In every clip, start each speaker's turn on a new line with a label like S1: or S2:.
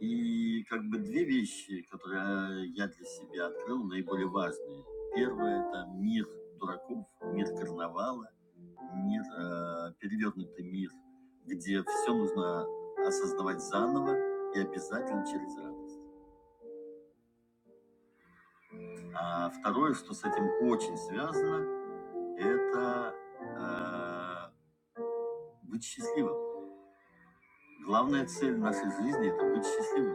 S1: И как бы две вещи, которые э, я для себя открыл, наиболее важные. Первое– это мир дураков, мир карнавала, мир, э, перевернутый мир, где все нужно осознавать заново и обязательно через радость. А второе, что с этим очень связано, это э, быть счастливым. Главная цель нашей жизни– это быть счастливым.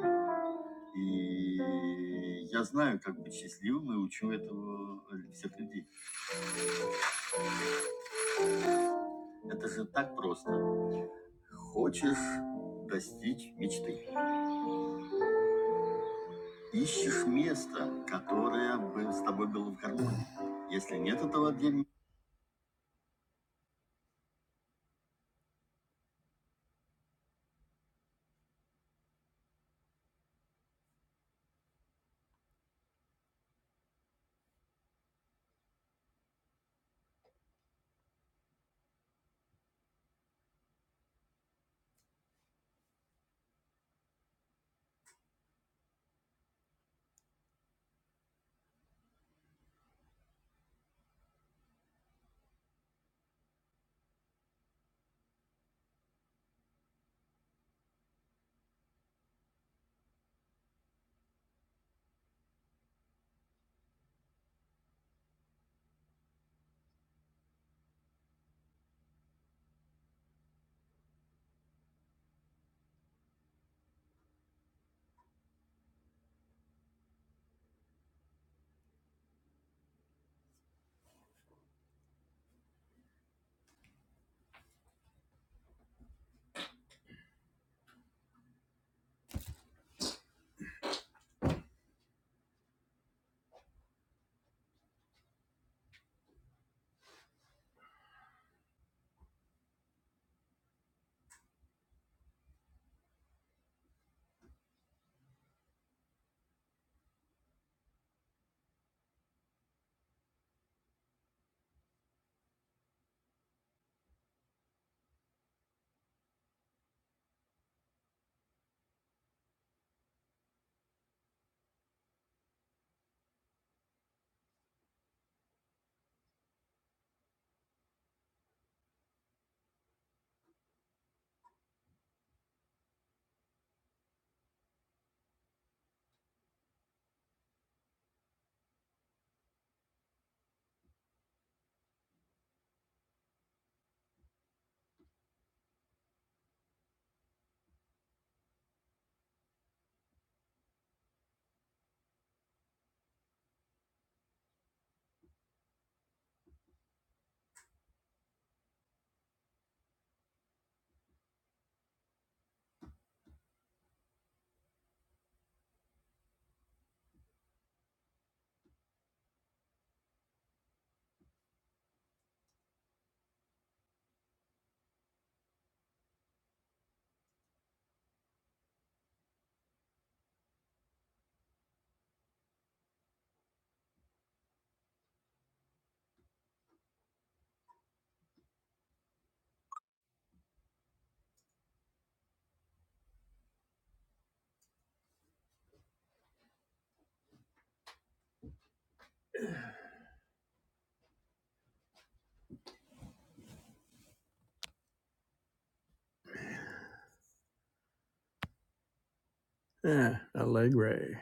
S1: Eh, allegre,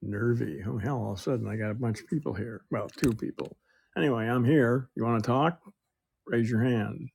S1: nervy. Oh hell! All of a sudden, I got a bunch of people here. Well, two people. Anyway, I'm here. You want to talk? Raise your hand.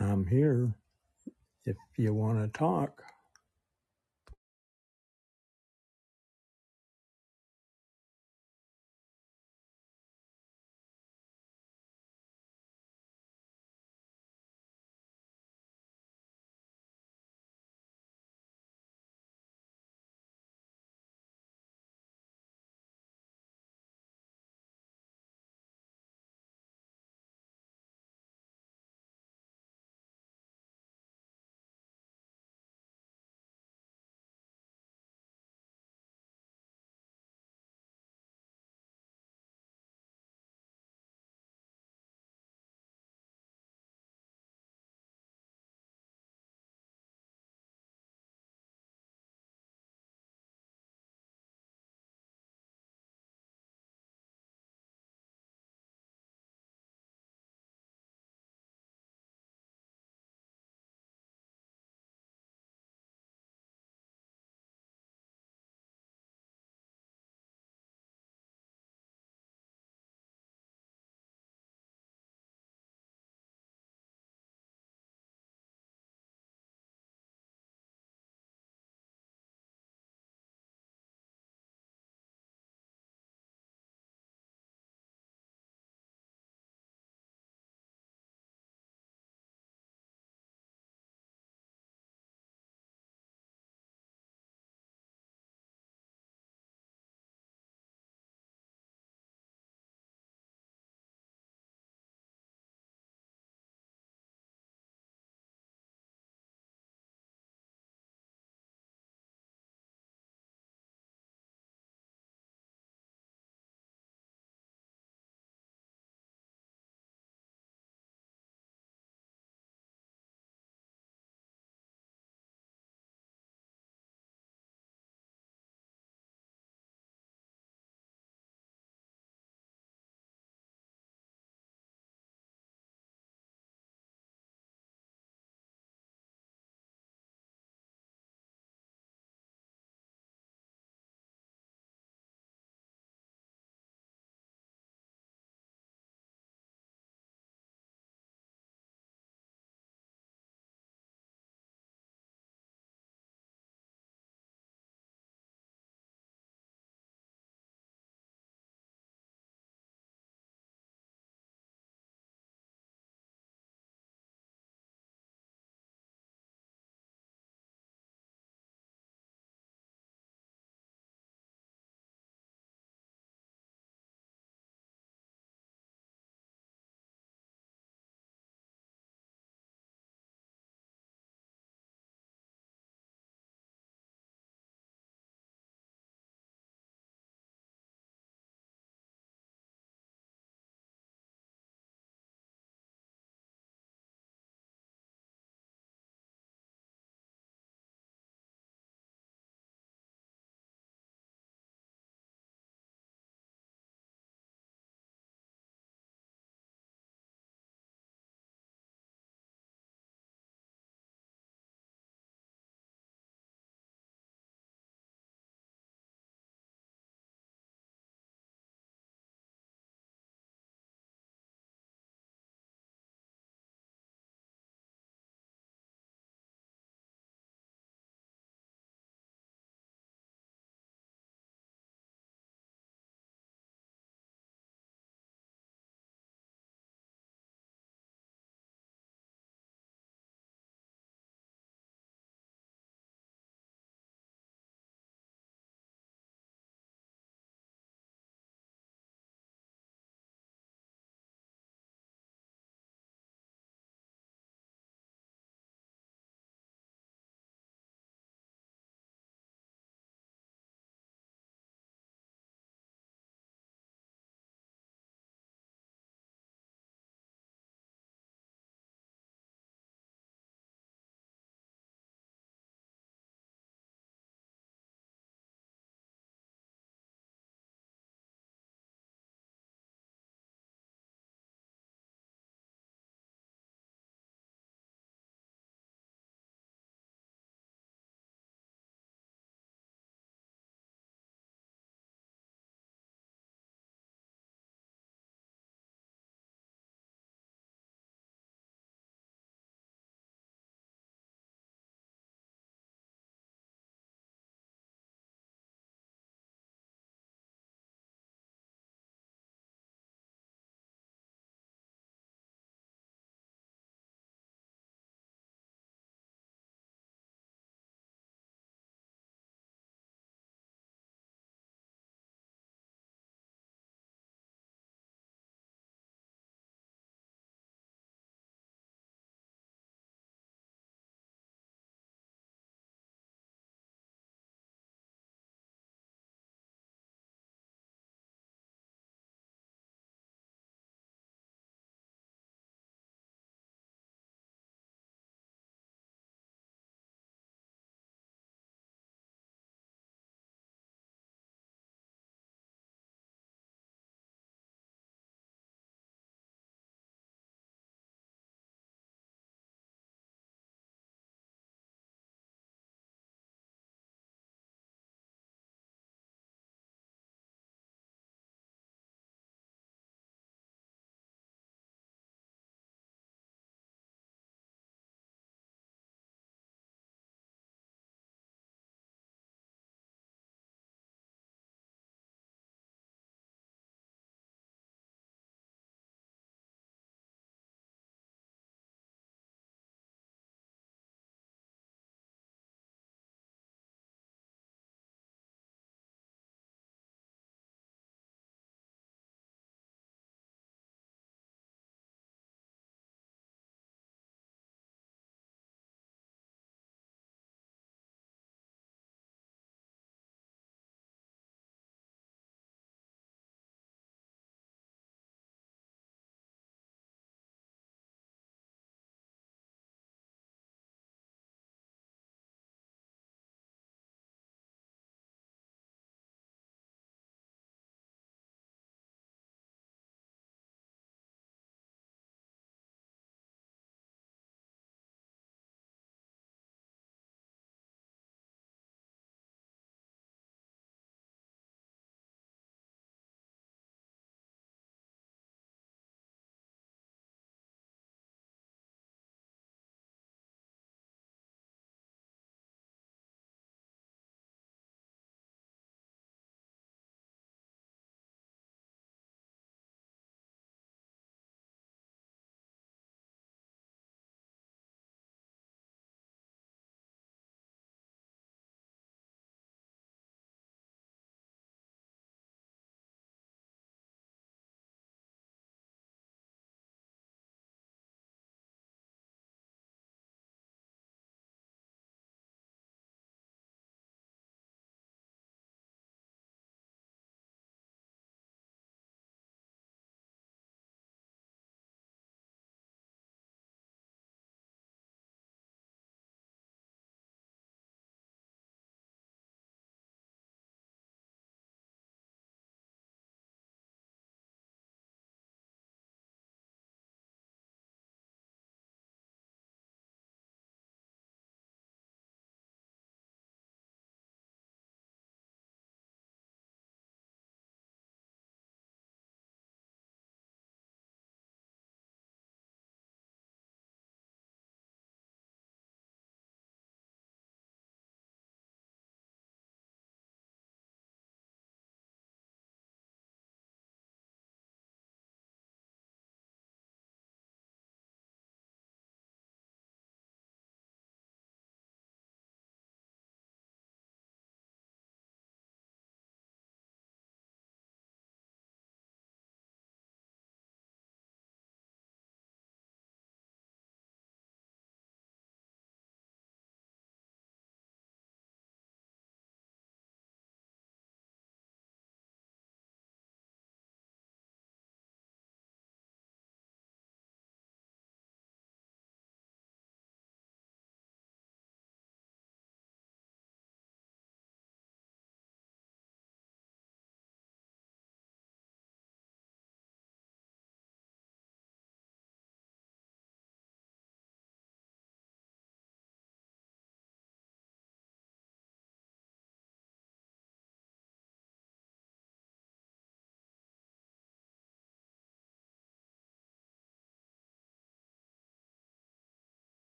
S1: I'm here. if you want to talk.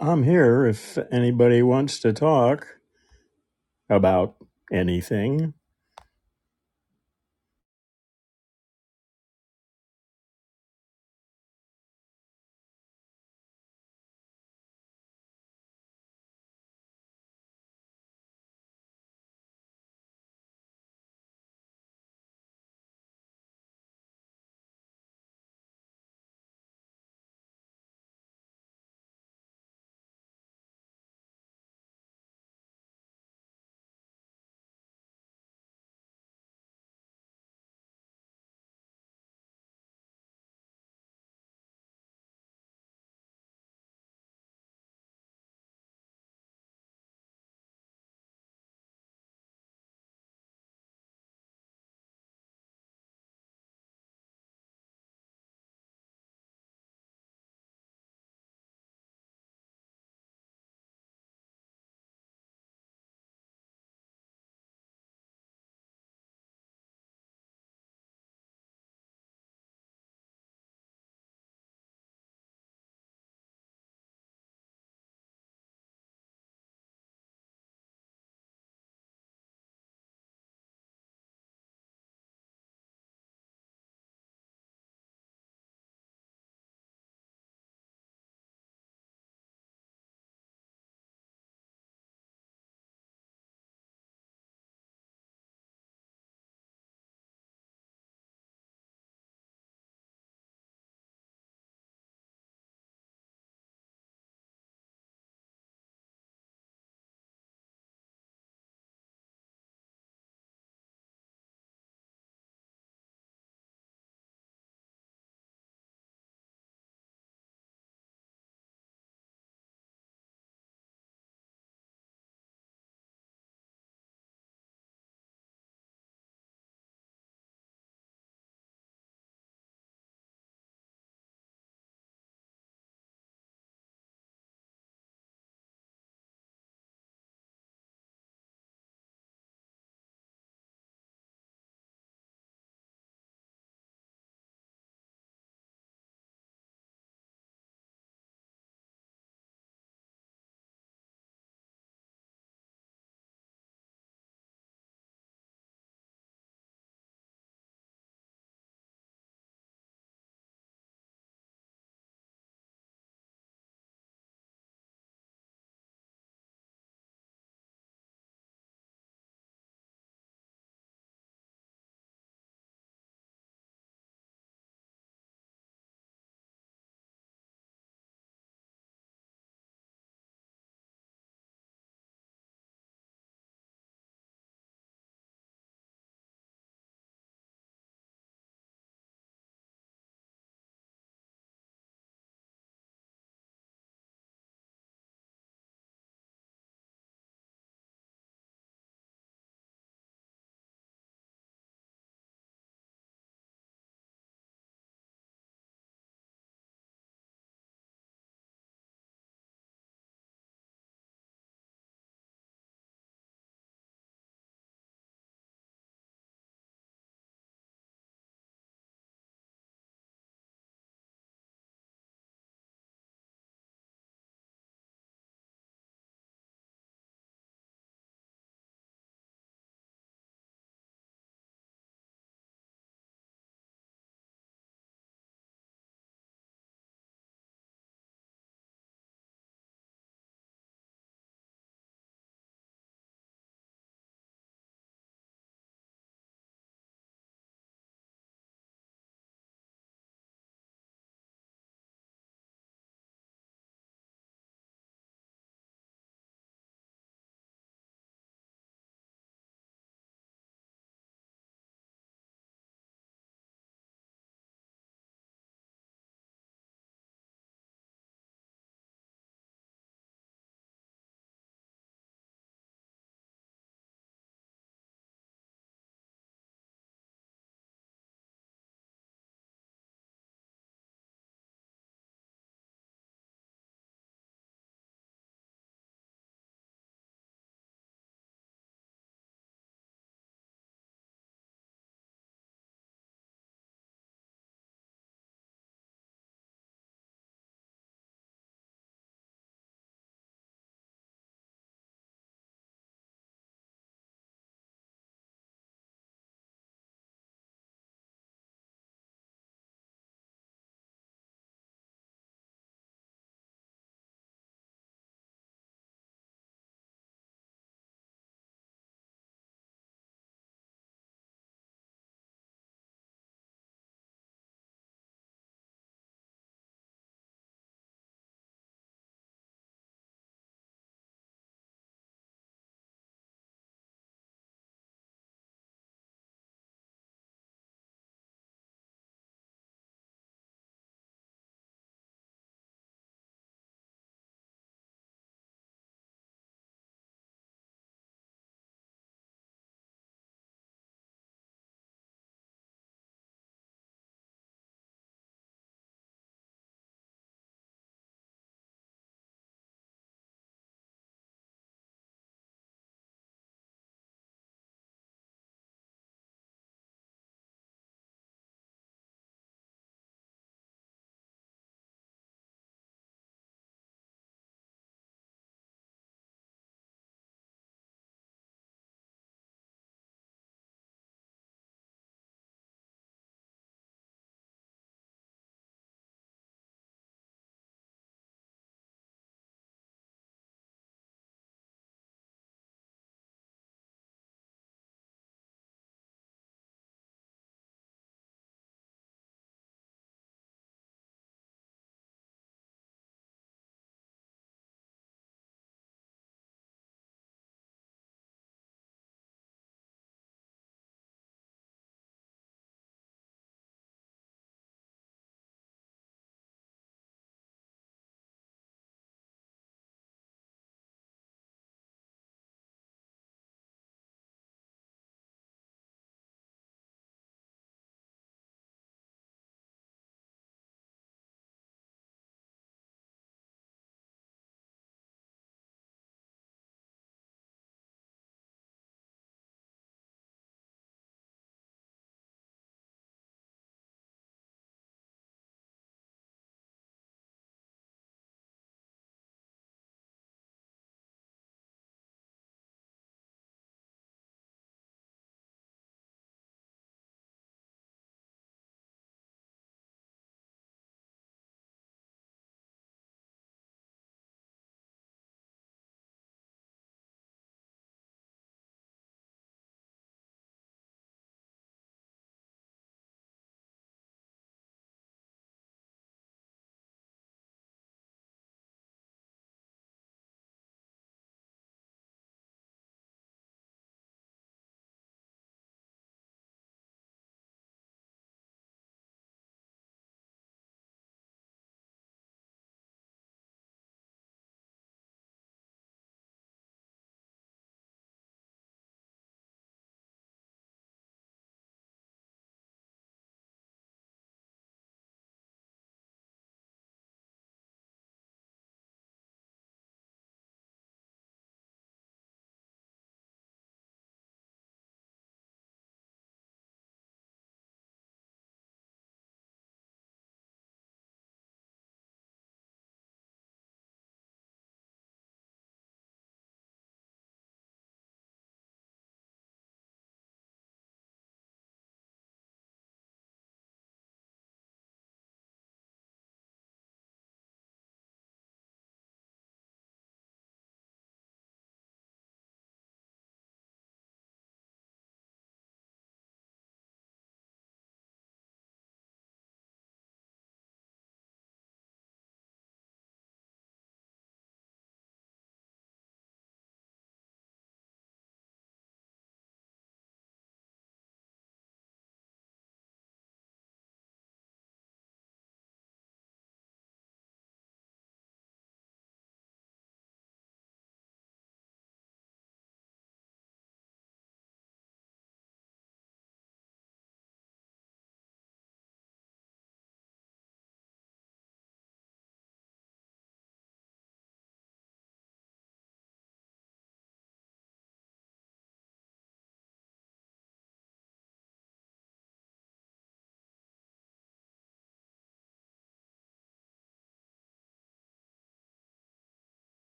S1: I'm here if anybody wants to talk about anything.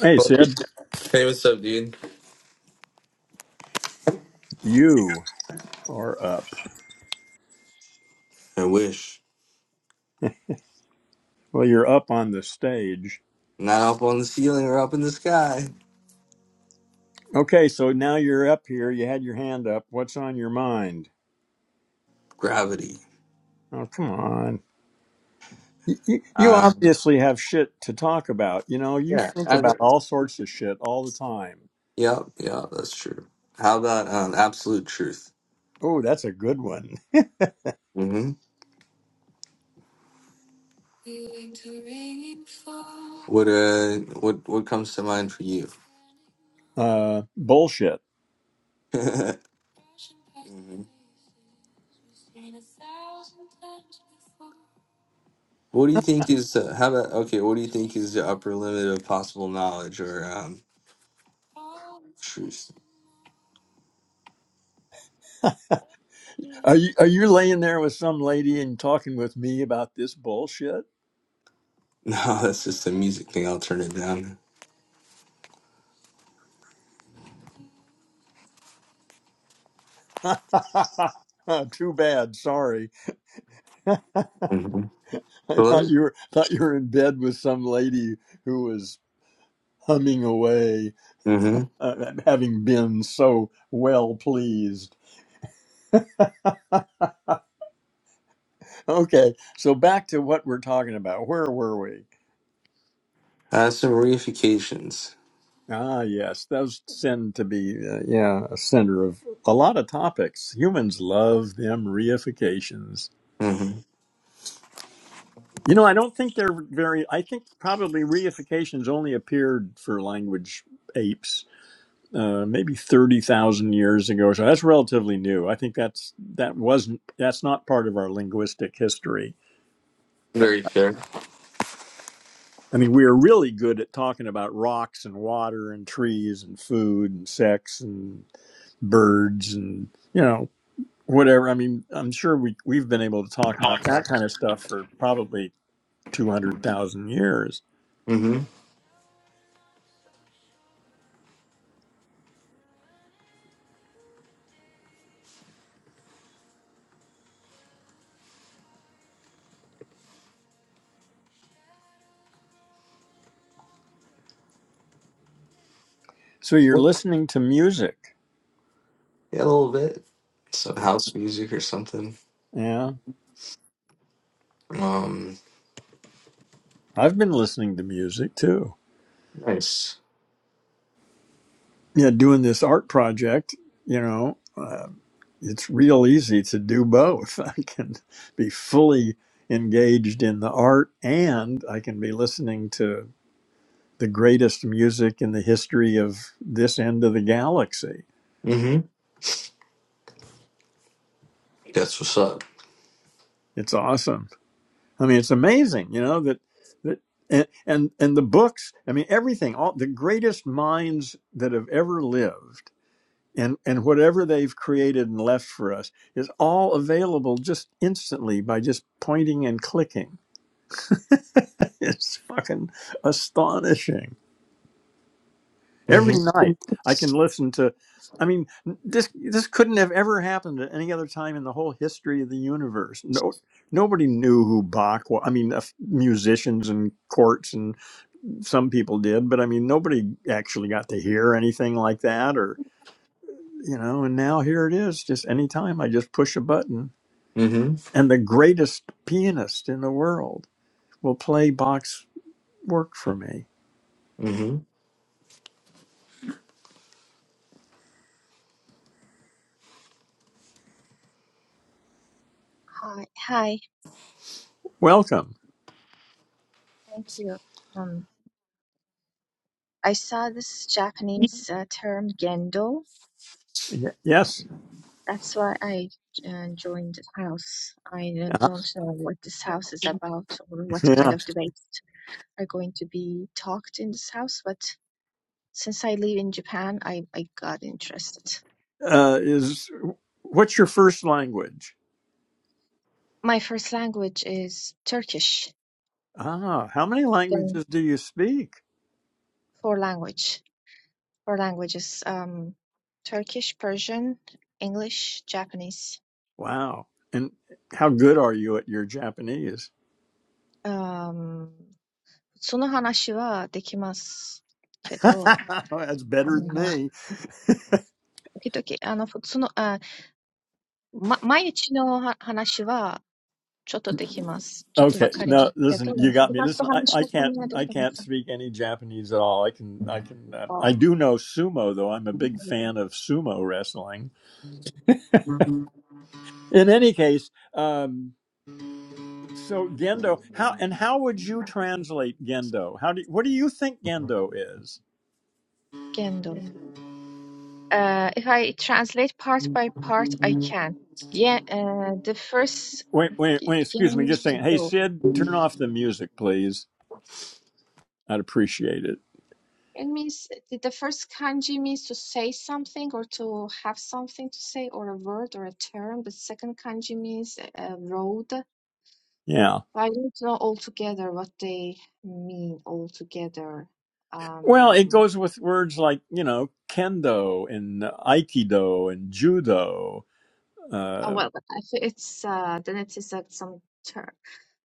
S1: Hey, Sid,
S2: Hey, what's up, dude?
S1: you are up.
S2: I wish.
S1: Well, you're up on the stage.
S2: Not up on the ceiling or up in the sky.
S1: Okay, so now you're up here. You had your hand up. What's on your mind?
S2: Gravity.
S1: Oh, come on. You, you you
S2: Uh,
S1: obviously have shit to talk about. You know, you
S2: yeah.
S1: think
S2: I,
S1: about all sorts of shit all the time.
S2: Yep. yeah, that's true. How about um, absolute truth?
S1: Oh, that's a good one.
S2: Mm-hmm. What uh, what what comes to mind for you?
S1: Uh, bullshit.
S2: Mhm. What do you think is uh, how about okay? What do you think is the upper limit of possible knowledge or um, truth?
S1: Are you are you laying there with some lady and talking with me about this bullshit?
S2: No, that's just a music thing. I'll turn it down.
S1: Oh, Too bad. Sorry.
S2: hmm
S1: I thought
S2: Hello.
S1: you were thought you were in bed with some lady who was humming away
S2: Mm-hmm.
S1: uh, having been so well pleased. Okay, so back to what we're talking about. Where were we?
S2: Has some reifications.
S1: Ah, yes, those tend to be, uh, yeah, a center of a lot of topics. Humans love them reifications.
S2: Mm-hmm.
S1: You know, I don't think they're very, I think probably reifications only appeared for language apes. Uh, maybe 30,000 years ago. So that's relatively new. I think that's, that wasn't, that's not part of our linguistic history
S2: Very fair.
S1: I mean, we are really good at talking about rocks and water and trees and food and sex and birds and, you know, whatever. I mean, I'm sure we, we've been able to talk about that kind of stuff for probably 200,000 years.
S2: Mm-hmm.
S1: So you're
S2: What's
S1: listening to music.
S2: yeah, a little bit. Some house music or something.
S1: Yeah.
S2: Um
S1: I've been listening to music too.
S2: nice.
S1: Yeah. Doing this art project, you know. uh, it's real easy to do both. I can be fully engaged in the art and I can be listening to the greatest music in the history of this end of the galaxy.
S2: Mm-hmm. That's what's up.
S1: It's awesome. I mean, it's amazing, you know, that that and and, and the books, I mean everything, all the greatest minds that have ever lived and and whatever they've created and left for us is all available just instantly by just pointing and clicking it's fucking astonishing. Every
S2: Mm-hmm.
S1: night I can listen to I mean this this couldn't have ever happened at any other time in the whole history of the universe. No nobody knew who Bach was. I mean a f- musicians and courts and some people did, but I mean nobody actually got to hear anything like that or you know and now here it is just any time I just push a button
S2: Mm-hmm.
S1: and the greatest pianist in the world will play Bach's work for me.
S3: Hi, hi,
S1: Welcome.
S3: thank you. Um, I saw this Japanese uh, term Gendo.
S1: Y- Yes.
S3: That's why I uh, joined the house. I uh,
S1: Uh,
S3: don't know what this house is about or what kind
S1: yeah.
S3: of debates are going to be talked in this house, but since I live in Japan, I, I got interested.
S1: Uh, is what's your first language?
S3: My first language is Turkish,
S1: Ah, how many
S3: then
S1: languages do you speak?
S3: four language, four languages, um, Turkish, Persian, English, Japanese.
S1: Wow. And how good are you at your Japanese?
S3: Um,
S1: That's better than me.
S3: その話はできますけど、あの、時々、あの、普通の、あ、ま、毎日のは話はちょっとできます。ちょっとわかりますけど、複雑な話のためにはできませんか限度。Uh,
S1: Okay. No, listen, you got me. Listen, I, I can't I can't speak any Japanese at all. I can I can uh, I do know sumo though. I'm a big fan of sumo wrestling. In any case, um, So Gendo, how and how would you translate Gendo? How do what do you think Gendo is?
S3: if I translate part by part, I can. Yeah, uh, the first
S1: Wait, wait, wait. Excuse me, just saying. Hey,
S3: 限度
S1: Sid, turn off the music, please. I'd appreciate it.
S3: It means the the first kanji means to say something or to have something to say or a word or a term. The second kanji means a road.
S1: Yeah.
S3: Well, I don't know altogether what they mean altogether.
S1: Well, it
S3: Um,
S1: goes with words like you know kendo and aikido and judo.
S3: oh
S1: Uh,
S3: well, I think it's uh, then it is like some term,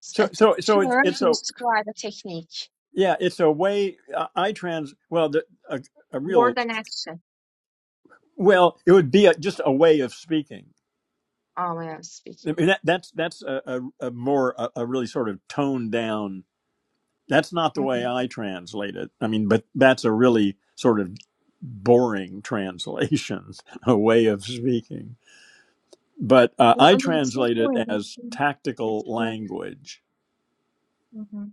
S3: s- a
S1: so,
S3: t-
S1: so, so it's
S3: term
S1: it's
S3: to
S1: a
S3: describe a technique,
S1: yeah, it's a way. I, I trans well, the, a, a real
S3: word and action.
S1: well, it would be a, just a way of speaking.
S3: Oh, yeah,
S1: I
S3: speaking.
S1: mean, that, that's that's a, a, a more a, a really sort of toned down. That's not the way
S3: Mhm.
S1: I translate it. I mean, but that's a really sort of boring translation, a way of speaking. But uh,
S3: No,
S1: I
S3: I mean, it's not
S1: translate it
S3: going.
S1: as tactical
S3: It's uh,
S1: language.
S3: mm-hmm.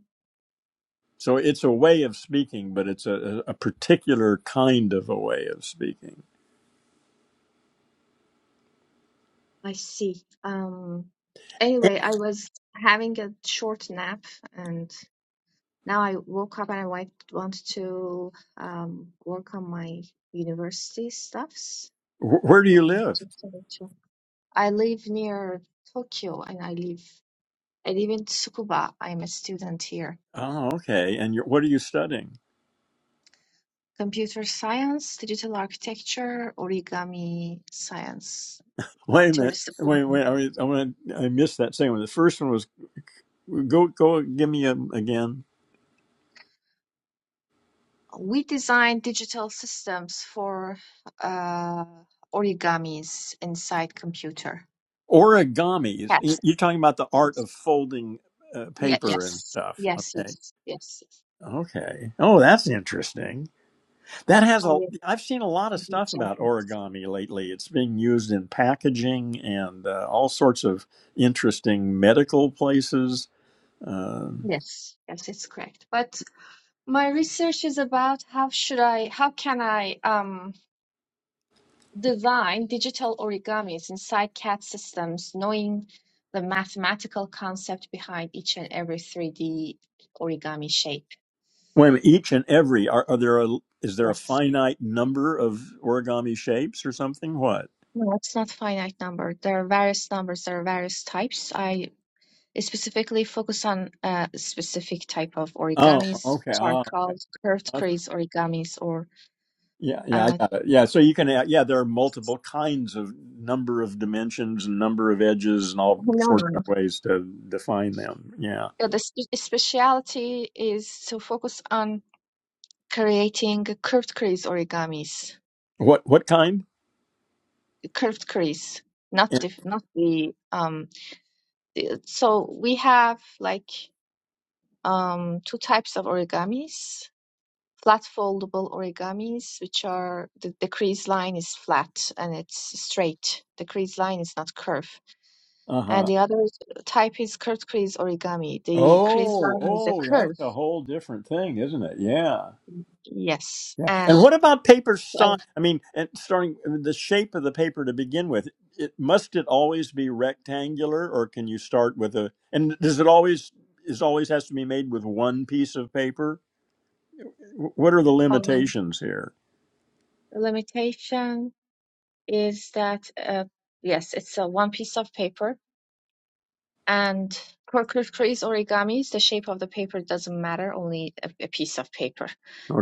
S1: So it's a way of speaking, but it's a, a particular kind of a way of speaking.
S3: I see. Um, anyway, I was having a short nap and now I woke up and I want, want to um, work on my university stuffs.
S1: Wh- Where do you
S3: And I
S1: live?
S3: just wanted to- I live near Tokyo and I live I live in Tsukuba. I'm a student here.
S1: Oh, okay. And you're, what are you studying?
S3: Computer science, digital architecture, origami science,
S1: Wait a minute. Wait,
S3: interdisciplinary.
S1: wait. I, mean, I, wanna- I missed that second one. The first one was Go, go, give me 'em again.
S3: We design digital systems for uh, origamis inside computer.
S1: Origamis. Y-
S3: Yes.
S1: You're talking about the art
S3: yes.
S1: of folding uh,
S3: Yeah,
S1: paper and
S3: yes.
S1: stuff.
S3: Yes,
S1: Okay.
S3: yes, yes.
S1: Okay. Oh, that's interesting. That has
S3: Oh,
S1: a.
S3: yes.
S1: I've seen a lot of
S3: you
S1: stuff
S3: checked
S1: about origami lately. It's being used in packaging and uh, all sorts of interesting medical places. Um,
S3: Yes, yes, it's correct. But my research is about how should I, how can I um, design digital origamis inside CAD systems, knowing the mathematical concept behind each and every 3D origami shape.
S1: wait a minute, Each and every are, are there a is there a
S3: Yes.
S1: finite number of origami shapes or something? What?
S3: No, it's not finite number. There are various numbers, there are various types. I specifically focus on a specific type of
S1: Oh,
S3: origamis, which
S1: okay.
S3: are
S1: Oh,
S3: called curved crease origamis or
S1: Yeah, yeah, I
S3: uh
S1: got it. Yeah, so you can, add- yeah, there are multiple kinds of number of dimensions and number of edges and all
S3: no
S1: sorts
S3: no
S1: of
S3: no.
S1: ways to define them. Yeah.
S3: So the spe speciality is to focus on creating curved crease origamis,
S1: What what kind?
S3: curved crease, not the not the um so we have like um two types of origamis flat foldable origamis, which are the, the crease line is flat and it's straight. The crease line is not curved.
S1: Uh huh.
S3: And the other type is curved crease origami. The crease
S1: Oh,
S3: line is a
S1: oh, that's
S3: curve.
S1: a whole different thing, isn't it? Yeah.
S3: Yes.
S1: Yeah. And
S3: And
S1: what about paper
S3: uh,
S1: sti I mean, and starting uh, the shape of the paper to begin with, it must it always be rectangular or can you start with a and does it always is always has to be made with one piece of paper? What are the
S3: um,
S1: limitations here?
S3: the limitation is that, uh, yes, it's a one piece of paper And for crease origamis, the shape of the paper doesn't matter, only a, a piece of paper.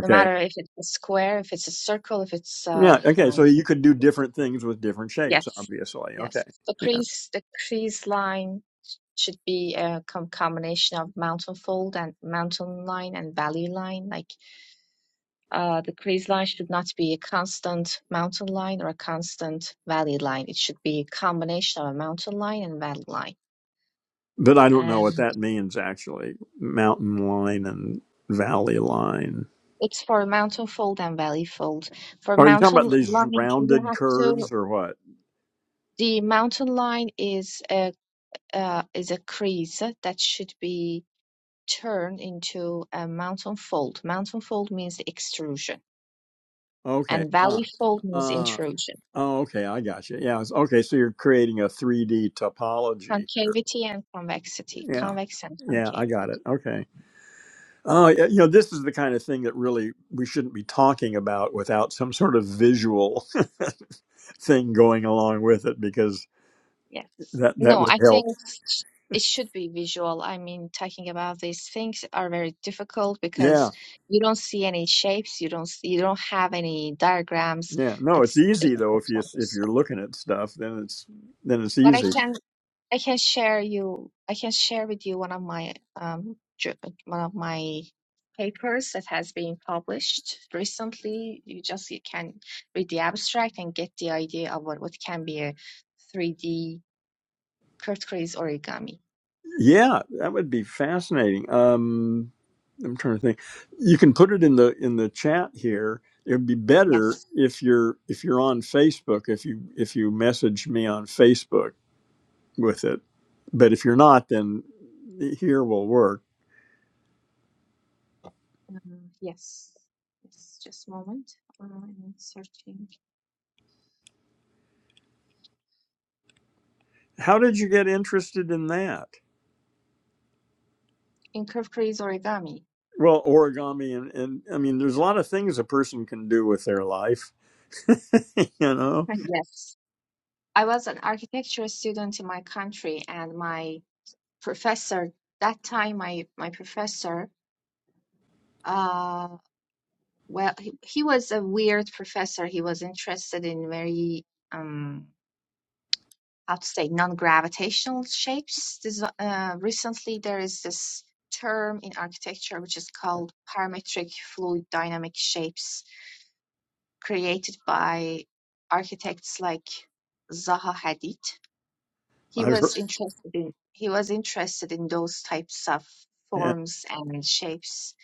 S3: No matter if it's a square, if it's a circle, if it's
S1: Yeah.
S3: uh,
S1: Okay. So
S3: um,
S1: you could do different things with different shapes,
S3: yes,
S1: obviously. Okay.
S3: yes. The
S1: Yeah.
S3: crease, the crease line should be a com combination of mountain fold and mountain line and valley line. Like uh, the crease line should not be a constant mountain line or a constant valley line. It should be a combination of a mountain line and valley line.
S1: But I don't know
S3: And
S1: what that means actually. Mountain line and valley line.
S3: It's for mountain fold and valley fold. For
S1: Are you talking about
S3: mountain
S1: these
S3: line, you
S1: rounded
S3: have to,
S1: curves or what?
S3: the mountain line is a uh, is a crease that should be turned into a mountain fold. Mountain fold means extrusion,
S1: Okay.
S3: and
S1: Uh,
S3: valley fold means
S1: uh,
S3: intrusion.
S1: oh, okay. I got you. Yeah. it's- Okay. So you're creating a 3D topology.
S3: Concavity and convexity,
S1: Yeah.
S3: convex and
S1: Yeah.
S3: concave.
S1: I got it. Okay. Oh, yeah, you know, this is the kind of thing that really we shouldn't be talking about without some sort of visual thing going along with it because
S3: Yes.
S1: that that
S3: No,
S1: would
S3: I think
S1: help.
S3: sh- it should be visual. I mean, talking about these things are very difficult
S1: Yeah.
S3: because you don't see any shapes, you don't see, you don't have any diagrams.
S1: Yeah. No, it's
S3: It's
S1: easy though
S3: difficult
S1: if you if
S3: sometimes.
S1: you're looking at stuff, then it's then it's
S3: But I
S1: easy.
S3: can I can share you I can share with you one of my um ju- one of my papers that has been published recently. You just you can read the abstract and get the idea of what what can be a 3D Kurt Kurt's origami.
S1: Yeah, that would be fascinating. Um I'm trying to think. You can put it in the in the chat here. It would be better
S3: Yes.
S1: if you're if you're on Facebook, if you if you message me on Facebook with it. But if you're not, then here will work.
S3: Uh, yes. Yes, just a moment. Uh, I'm searching.
S1: How did you get interested in that?
S3: In curved crease origami.
S1: Well, origami and, and I mean, there's a lot of things a person can do with their life. you know,
S3: Uh, Yes. I was an architecture student in my country, and my professor, that time my my professor, uh, well, he, he was a weird professor. He was interested in very um how to say non-gravitational shapes. This, uh, recently there is this term in architecture which is called parametric fluid dynamic shapes created by architects like Zaha Hadid.
S1: I
S3: He
S1: heard.
S3: was interested in he was interested in those types of
S1: Yeah.
S3: forms and shapes.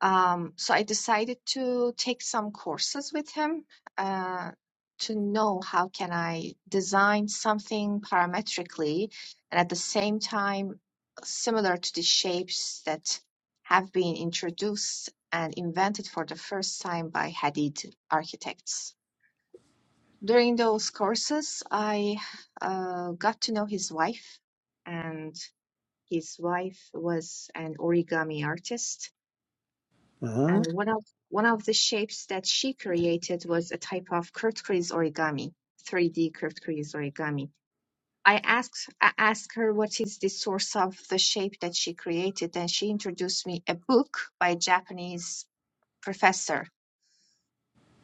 S3: Um, so I decided to take some courses with him uh, to know how can I design something parametrically and at the same time similar to the shapes that have been introduced and invented for the first time by Hadid architects. During those courses, I uh, got to know his wife, and his wife was an origami artist.
S1: Uh-huh.
S3: And one of one of the shapes that she created was a type of Kurt-Kreiz origami, 3D Kurt-Kreiz origami. I asked I asked her what is the source of the shape that she created, and she introduced me a book by a Japanese professor.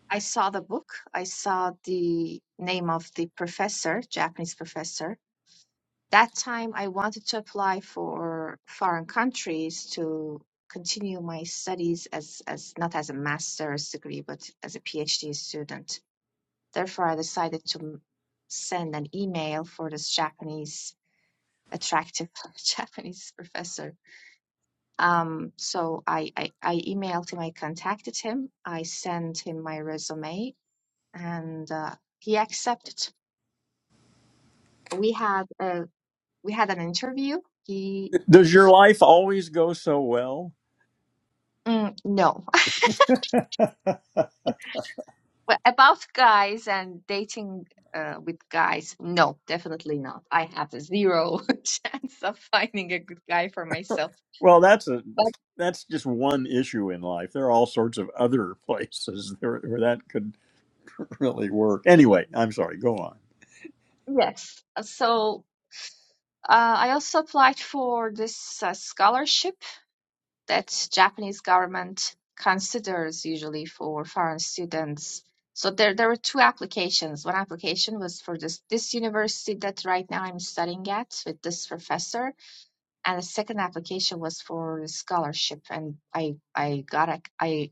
S3: I saw the book. I saw the name of the professor, Japanese professor, that time I wanted to apply for foreign countries to continue my studies as, as not as a master's degree, but as a PhD student. Therefore, I decided to m- send an email for this Japanese attractive Japanese professor. Um, so I, I, I emailed him, I contacted him, I sent him my resume, and uh, he accepted. We had a, we had an interview. He
S1: Does your life always go so well?
S3: mm, no. Well, about guys and dating uh, with guys, no, definitely not. I have a zero chance of finding a good guy for myself.
S1: Well, that's a
S3: But
S1: that's just one issue in life. There are all sorts of other places where, where that could really work. Anyway, I'm sorry. Go
S3: yes, uh, so uh, I also applied for this uh, scholarship that Japanese government considers usually for foreign students. So there, there were two applications. One application was for this this university that right now I'm studying at with this professor and the second application was for scholarship and i i got ac- i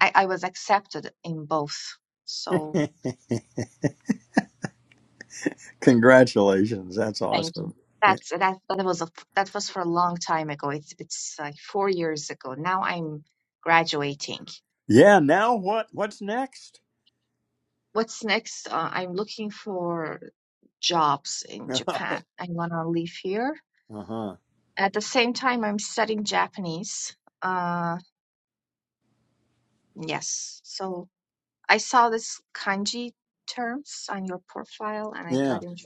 S3: i, I was accepted in both so
S1: on. Congratulations. That's
S3: thank you
S1: awesome. Yeah.
S3: that's that that was a that was for a long time ago it's it's like four years ago now i'm graduating
S1: Yeah. Now what? What's next?
S3: what's next uh, i'm looking for jobs in japan i want to live here
S1: uh-huh.
S3: at the same time i'm studying japanese uh yes so I saw this kanji terms on your profile and I
S1: Yeah.
S3: got into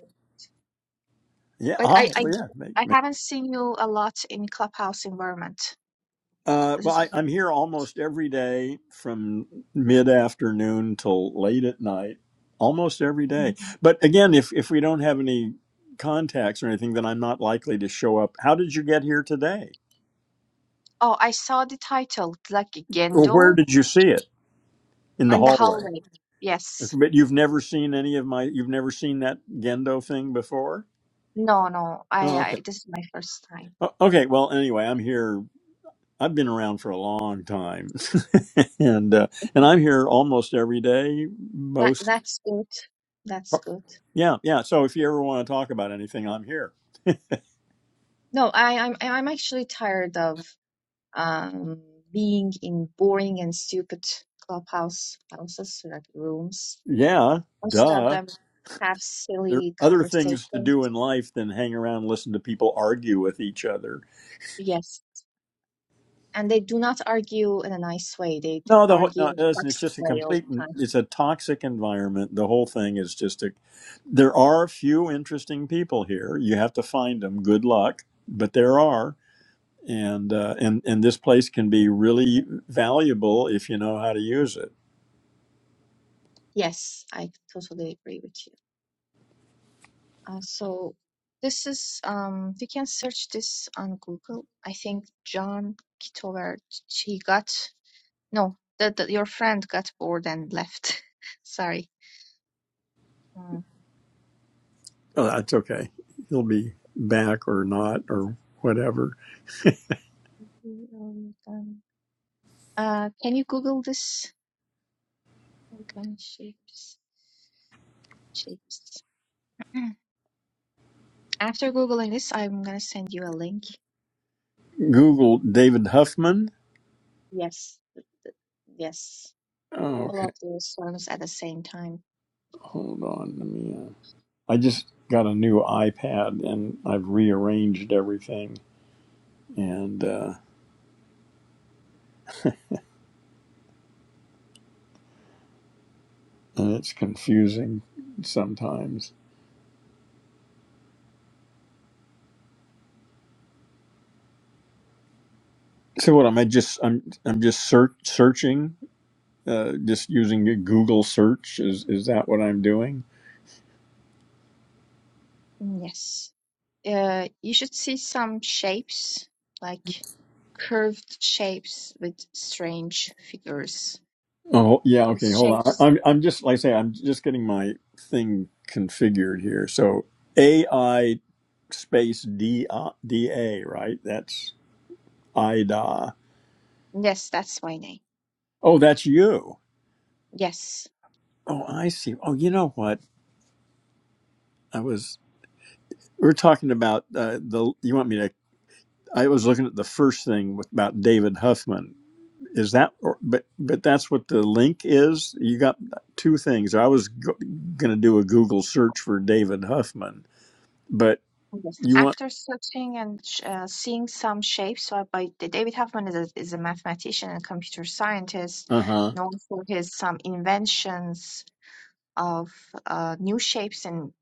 S1: Yeah.
S3: but
S1: Oh,
S3: I, I
S1: well, yeah. Make,
S3: I
S1: make.
S3: haven't seen you a lot in clubhouse environment.
S1: Uh,
S3: This
S1: well,
S3: is
S1: I, I'm here almost every day from mid afternoon till late at night, almost every day. But again, if, if we don't have any contacts or anything, then I'm not likely to show up. How did you get here today?
S3: oh I saw the title like
S1: Or where
S3: Gendo
S1: did you see it? In the
S3: in the
S1: hallway.
S3: hallway. Yes.
S1: Okay, But you've never seen any of my, you've never seen that Gendo thing before?
S3: No, no. I,
S1: Oh, okay.
S3: I this is my first time.
S1: O- Okay. Well, anyway, I'm here I've been around for a long time, and uh, and I'm here almost every day.
S3: That
S1: Most,
S3: that's good. That's good.
S1: yeah, yeah. So if you ever want to talk about anything, I'm here.
S3: No, I I'm I'm actually tired of um being in boring and stupid clubhouse houses like rooms
S1: Yeah,
S3: Most of
S1: duh.
S3: them have
S1: There are
S3: silly
S1: other things to
S3: conversations.
S1: do in life than hang around and listen to people argue with each other.
S3: Yes. And they do not argue in a nice way. They d-
S1: No, the whole,
S3: argue
S1: no,
S3: in a
S1: listen, it's
S3: toxic
S1: just a
S3: way all
S1: complete,
S3: the time.
S1: it's a toxic environment. The whole thing is just a, there are few interesting people here. You have to find them. Good luck, but there are. and uh, and and this place can be really valuable if you know how to use it.
S3: Yes, I totally agree with you. Uh, so this is um you can search this on Google. I think John Kitowert he got no the, the your friend got bored and left. Sorry. Uh,
S1: Oh, that's okay. He'll be back or not or whatever.
S3: uh, can you Google this? Organ shapes shapes. Mm. After googling this, I'm gonna send you a link.
S1: Google David Huffman.
S3: Yes, th- th- yes,
S1: Oh,
S3: all
S1: okay,
S3: of those ones at the same time.
S1: hold on. Let me. Uh, I just got a new iPad and I've rearranged everything, and uh, and it's confusing sometimes. So what am I just? I'm I'm just search searching, uh, just using a Google search. Is is that what I'm doing?
S3: Mm, Yes, uh, you should see some shapes, like curved shapes with strange figures.
S1: Oh yeah, okay.
S3: Those
S1: Hold on. I-
S3: shapes.
S1: I'm I'm just like I say I'm just getting my thing configured here. So AI space D I D A, right? That's IDA.
S3: Yes, that's my name.
S1: Oh, that's you.
S3: Yes.
S1: Oh, I see. Oh, you know what? I was we were talking about uh, the. You want me to? I was looking at the first thing with, about David Huffman. Is that? Or, but but that's what the link is. You got two things. I was go, going to do a Google search for David Huffman, but
S3: Yes.
S1: you want
S3: After searching and sh- uh, seeing some shapes uh, by D- David Huffman is a, is a mathematician and computer scientist
S1: Uh huh.
S3: known for his some inventions of uh, new shapes in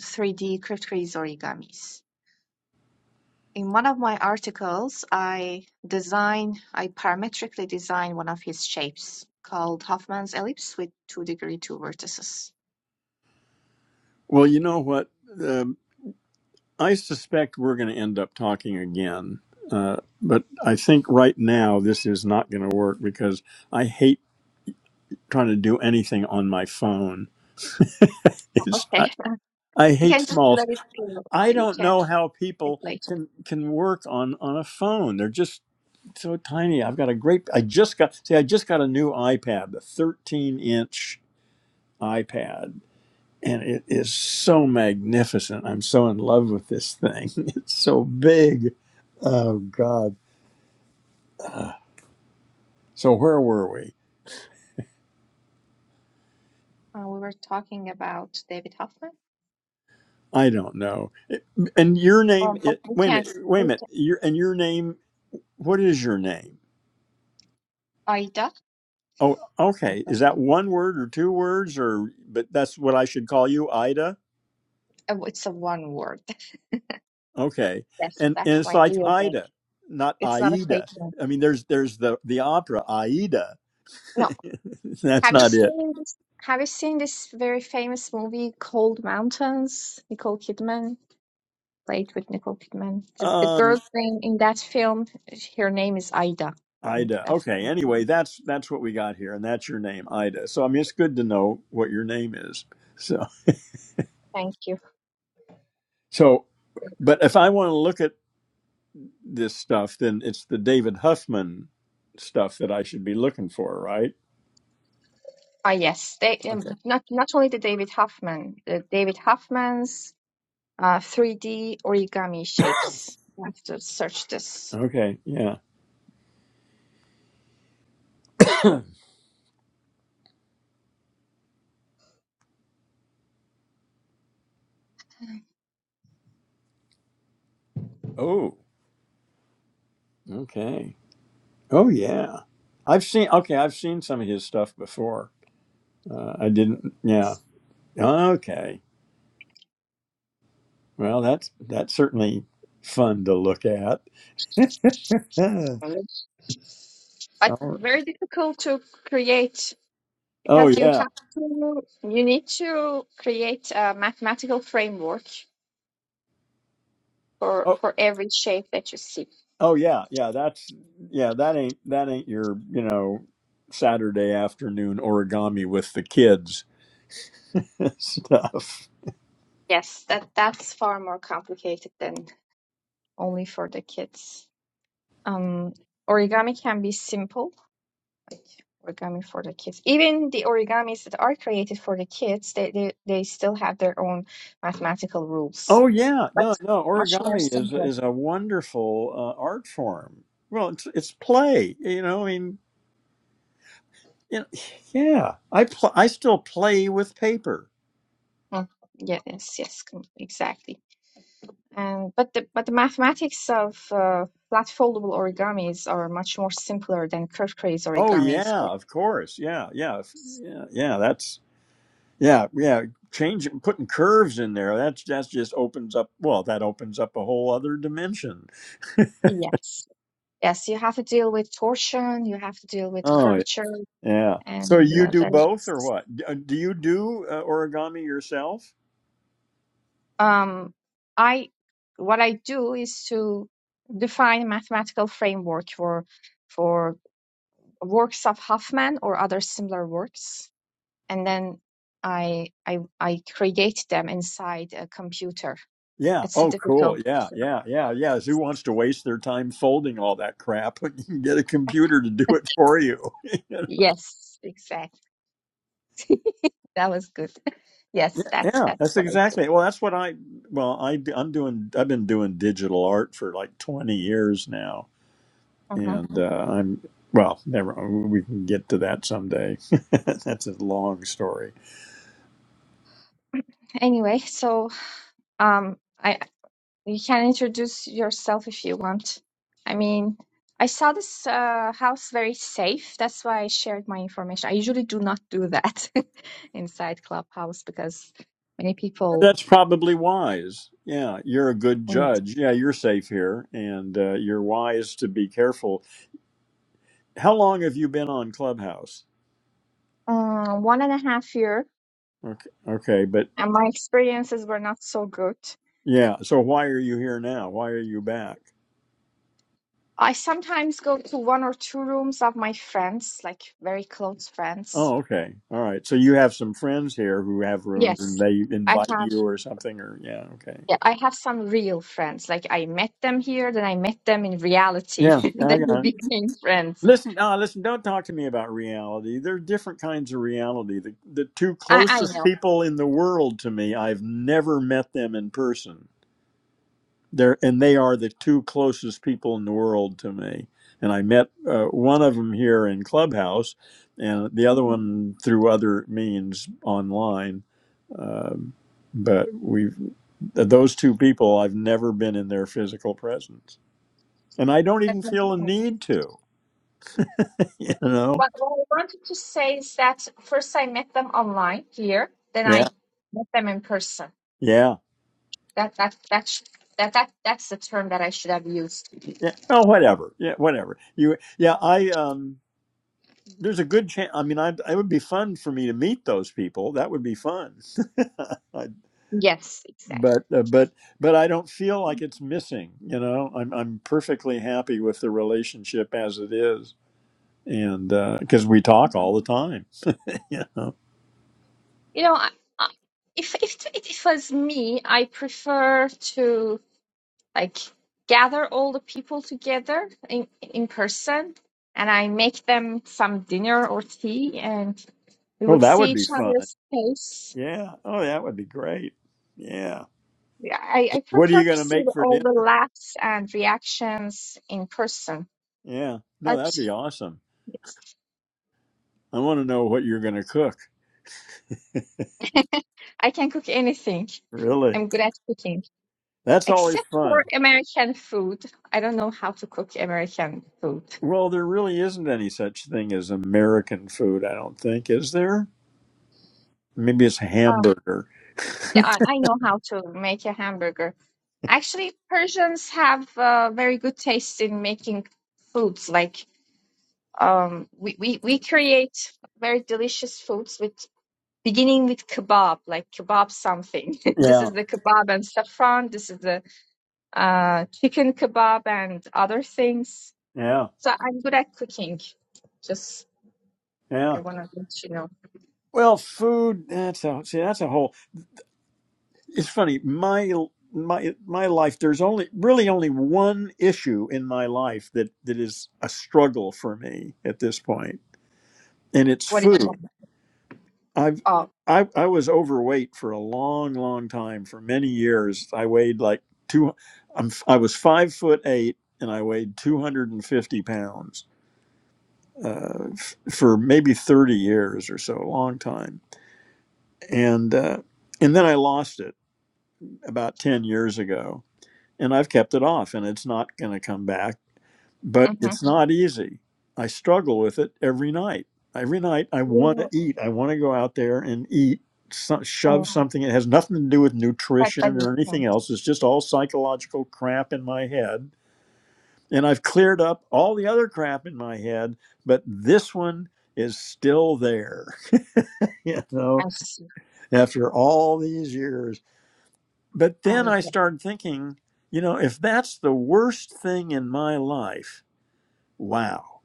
S3: 3D cryptgrid origamis. In one of my articles, I design, I parametrically design one of his shapes called Hoffman's ellipse with two degree two vertices.
S1: Well, you know what? Um, I suspect we're going to end up talking again. Uh, but I think right now this is not going to work because I hate trying to do anything on my phone.
S3: Oh,
S1: It's
S3: Okay,
S1: I, I
S3: you
S1: hate
S3: can just
S1: smalls.
S3: let it go.
S1: I
S3: You
S1: don't
S3: can
S1: know how
S3: take
S1: people
S3: later.
S1: can can work on on a phone. They're just so tiny. I've got a great. I just got see. I just got a new iPad, a 13 inch iPad. and it is so magnificent. I'm so in love with this thing. It's so big. Oh God! So where were we?
S3: Uh, we were talking about David Hoffman.
S1: I don't know. It- And your name?
S3: Um, but
S1: It,
S3: we
S1: wait a
S3: can,
S1: minute. Wait a
S3: we
S1: minute.
S3: can.
S1: Your and your name. What is your name?
S3: Aida.
S1: Oh,
S3: Yeah,
S1: okay. Is that one word or two words or? But that's what I should call you, Ida.
S3: Uh, It's a one word.
S1: Okay.
S3: Yes,
S1: And
S3: that's
S1: and it's
S3: my
S1: like
S3: real name.
S1: Ida, not
S3: It's not a fake
S1: Aida.
S3: name.
S1: I mean, there's there's the the opera Aida.
S3: No.
S1: that's
S3: Have you
S1: not it.
S3: seen this? Have you seen this very famous movie, Cold Mountains? Nicole Kidman played with Nicole Kidman. The, the
S1: Um.
S3: girl's name in that film, her name is Ida. Mm,
S1: Ida.
S3: That's what
S1: Okay.
S3: I'm
S1: Anyway,
S3: thinking.
S1: that's that's what we got here, and that's your name, Ida. So I mean, it's good to know what your name is. So
S3: thank you.
S1: so, but if I want to look at this stuff, then it's the David Huffman stuff that I should be looking for, right?
S3: Ah, yes. They um,
S1: Okay.
S3: not not only the David Hoffman, the David Hoffman's uh, 3D origami shapes. You have to search this.
S1: Okay. Yeah. Oh. Okay. Oh yeah. I've seen. Okay, I've seen some of his stuff before. Uh, I didn't. Yeah. Okay. Well, that's that's certainly fun to look at. oh.
S3: But very difficult to create
S1: Oh
S3: Because you
S1: yeah.
S3: have to, you need to create a mathematical framework for
S1: Oh.
S3: for every shape that you see.
S1: Oh yeah, yeah, that's yeah, that ain't that ain't your, you know, Saturday afternoon origami with the kids stuff.
S3: Yes, that that's far more complicated than only for the kids. Um, origami can be simple, like origami for the kids. Even the origamis that are created for the kids, they they, they still have their own mathematical rules.
S1: Oh yeah,
S3: But
S1: no, no,
S3: much more
S1: origami is
S3: simpler.
S1: is a wonderful uh, art form. Well, it's it's play, you know, I mean, you know, yeah, I pl- I still play with paper.
S3: Mm, Yes, yes, com- exactly. And but the but the mathematics of uh, flat foldable origamis are much more simpler than curved craze
S1: Oh
S3: origamis.
S1: yeah,
S3: But
S1: of course. Yeah, yeah. if- Yeah, yeah, that's yeah, yeah, changing putting curves in there. That's that's just opens up, well, that opens up a whole other dimension
S3: yes, yes, you have to deal with torsion, you have to deal with
S1: Oh,
S3: curvature,
S1: yeah. So
S3: and
S1: you
S3: uh,
S1: do both or
S3: that's
S1: what? D- uh, Do you do uh, origami yourself?
S3: um, I what I do is to define a mathematical framework for for works of Huffman or other similar works, and then I I I create them inside a computer.
S1: Yeah.
S3: It's a
S1: Oh, cool.
S3: difficult.
S1: Yeah, yeah, yeah, yeah. Who wants to waste their time folding all that crap when you can get a computer to do it for you? yeah,
S3: Yes, exactly. That was good. Yes, that's
S1: yeah,
S3: that's
S1: that's
S3: what I do.
S1: exactly. Well, that's what I, well, I, I'm doing, I've been doing digital art for like 20 years now.
S3: Mhm.
S1: And uh, I'm, well, never, we can get to that someday. that's a long story.
S3: Anyway, so um, I you can introduce yourself if you want. I mean, I saw this uh, house very safe. That's why I shared my information. I usually do not do that inside Clubhouse because many people
S1: That's probably wise. Yeah, you're a good judge. Yeah, you're safe here, and uh, you're wise to be careful. How long have you been on Clubhouse?
S3: um, one and a half year,
S1: Okay, okay, but
S3: and my experiences were not so good.
S1: yeah. So why are you here now? Why are you back?
S3: I sometimes go to one or two rooms of my friends, like very close friends
S1: Oh, okay, all right. So you have some friends here who have rooms, and
S3: Yes,
S1: they
S3: I
S1: invite
S3: have.
S1: you or something, or yeah, okay.
S3: Yeah, I have some real friends. Like I met them here, then I met them in reality,
S1: Yeah, yeah, I
S3: then we
S1: got it.
S3: became friends.
S1: Listen, uh, listen, don't talk to me about reality. There are different kinds of reality. The, the two
S3: I I
S1: closest
S3: know.
S1: people in the world to me, I've never met them in person. They're, and they are the two closest people in the world to me. And I met uh, one of them here in Clubhouse, and the other
S3: Mhm,
S1: one through other means online. Um, but we've those two people. I've never been in their physical presence, and I don't
S3: That
S1: even
S3: makes
S1: feel a
S3: sense.
S1: need to. You know?
S3: What, what I wanted to say is that first I met them online here, then
S1: Yeah,
S3: I met them in person.
S1: yeah,
S3: That that that sh- that that that's the term that I should have used.
S1: yeah. Oh, whatever. Yeah, whatever. You, yeah. I um. There's a good chance. I mean, I it would be fun for me to meet those people. That would be fun. I
S3: Yes, exactly.
S1: but uh, but but I don't feel like it's missing. You know, I'm I'm perfectly happy with the relationship as it is, and because we talk
S3: Mhm.
S1: all the time. you know,
S3: You know, I, I, if if it it was me, I prefer to. like gather all the people together in, in person and I make them some dinner or tea and we
S1: oh,
S3: would
S1: that
S3: see
S1: would be
S3: each
S1: fun.
S3: other's face.
S1: Yeah. Oh, that would be great. Yeah.
S3: Yeah, I, I
S1: What are
S3: prefer
S1: you
S3: to
S1: going to
S3: see
S1: make
S3: the-
S1: for
S3: all the
S1: dinner?
S3: laughs and reactions in person,
S1: Yeah. No,
S3: but
S1: that'd be awesome.
S3: yes,
S1: I want to know what you're going to cook.
S3: I can cook anything.
S1: Really,
S3: I'm good at cooking,
S1: that's always
S3: except
S1: fun.
S3: for American food. I don't know how to cook American food.
S1: Well, there really isn't any such thing as American food, I don't think, is there? Maybe it's
S3: Um,
S1: hamburger.
S3: yeah, I I know how to make a hamburger, Actually, Persians have uh, very good taste in making foods. Like um, we, we we create very delicious foods with beginning with kebab, like kebab something. This
S1: Yeah.
S3: is the kebab and saffron. This is the uh, chicken kebab and other things.
S1: Yeah.
S3: So I'm good at cooking. Just
S1: Yeah.
S3: I want to let you know
S1: Well, food. That's a see. That's a whole. It's funny. My my my life. There's only really only one issue in my life that that is a struggle for me at this point, and it's
S3: what it's
S1: food. I've
S3: all.
S1: I I was overweight for a long, long time. For many years, I weighed like two. I'm I was five foot eight, and I weighed two hundred and fifty pounds uh, f- for maybe thirty years or so, a long time, and. Uh, and then I lost it about 10 years ago, and I've kept it off, and it's not going to come back, but
S3: Mm-hmm.
S1: it's not easy. I struggle with it every night. Every night I want to
S3: You,
S1: eat. I want to go out there and eat, so,
S3: oh,
S1: shove something. It has nothing to do with
S3: but but
S1: nutrition
S3: you
S1: or anything
S3: can't.
S1: else. It's just all psychological crap in my head. And I've cleared up all the other crap in my head, but this one is still there, you
S3: I
S1: know,
S3: see.
S1: after all these years But then
S3: I,
S1: I
S3: yeah.
S1: started thinking, you know, if that's the worst thing in my life, wow,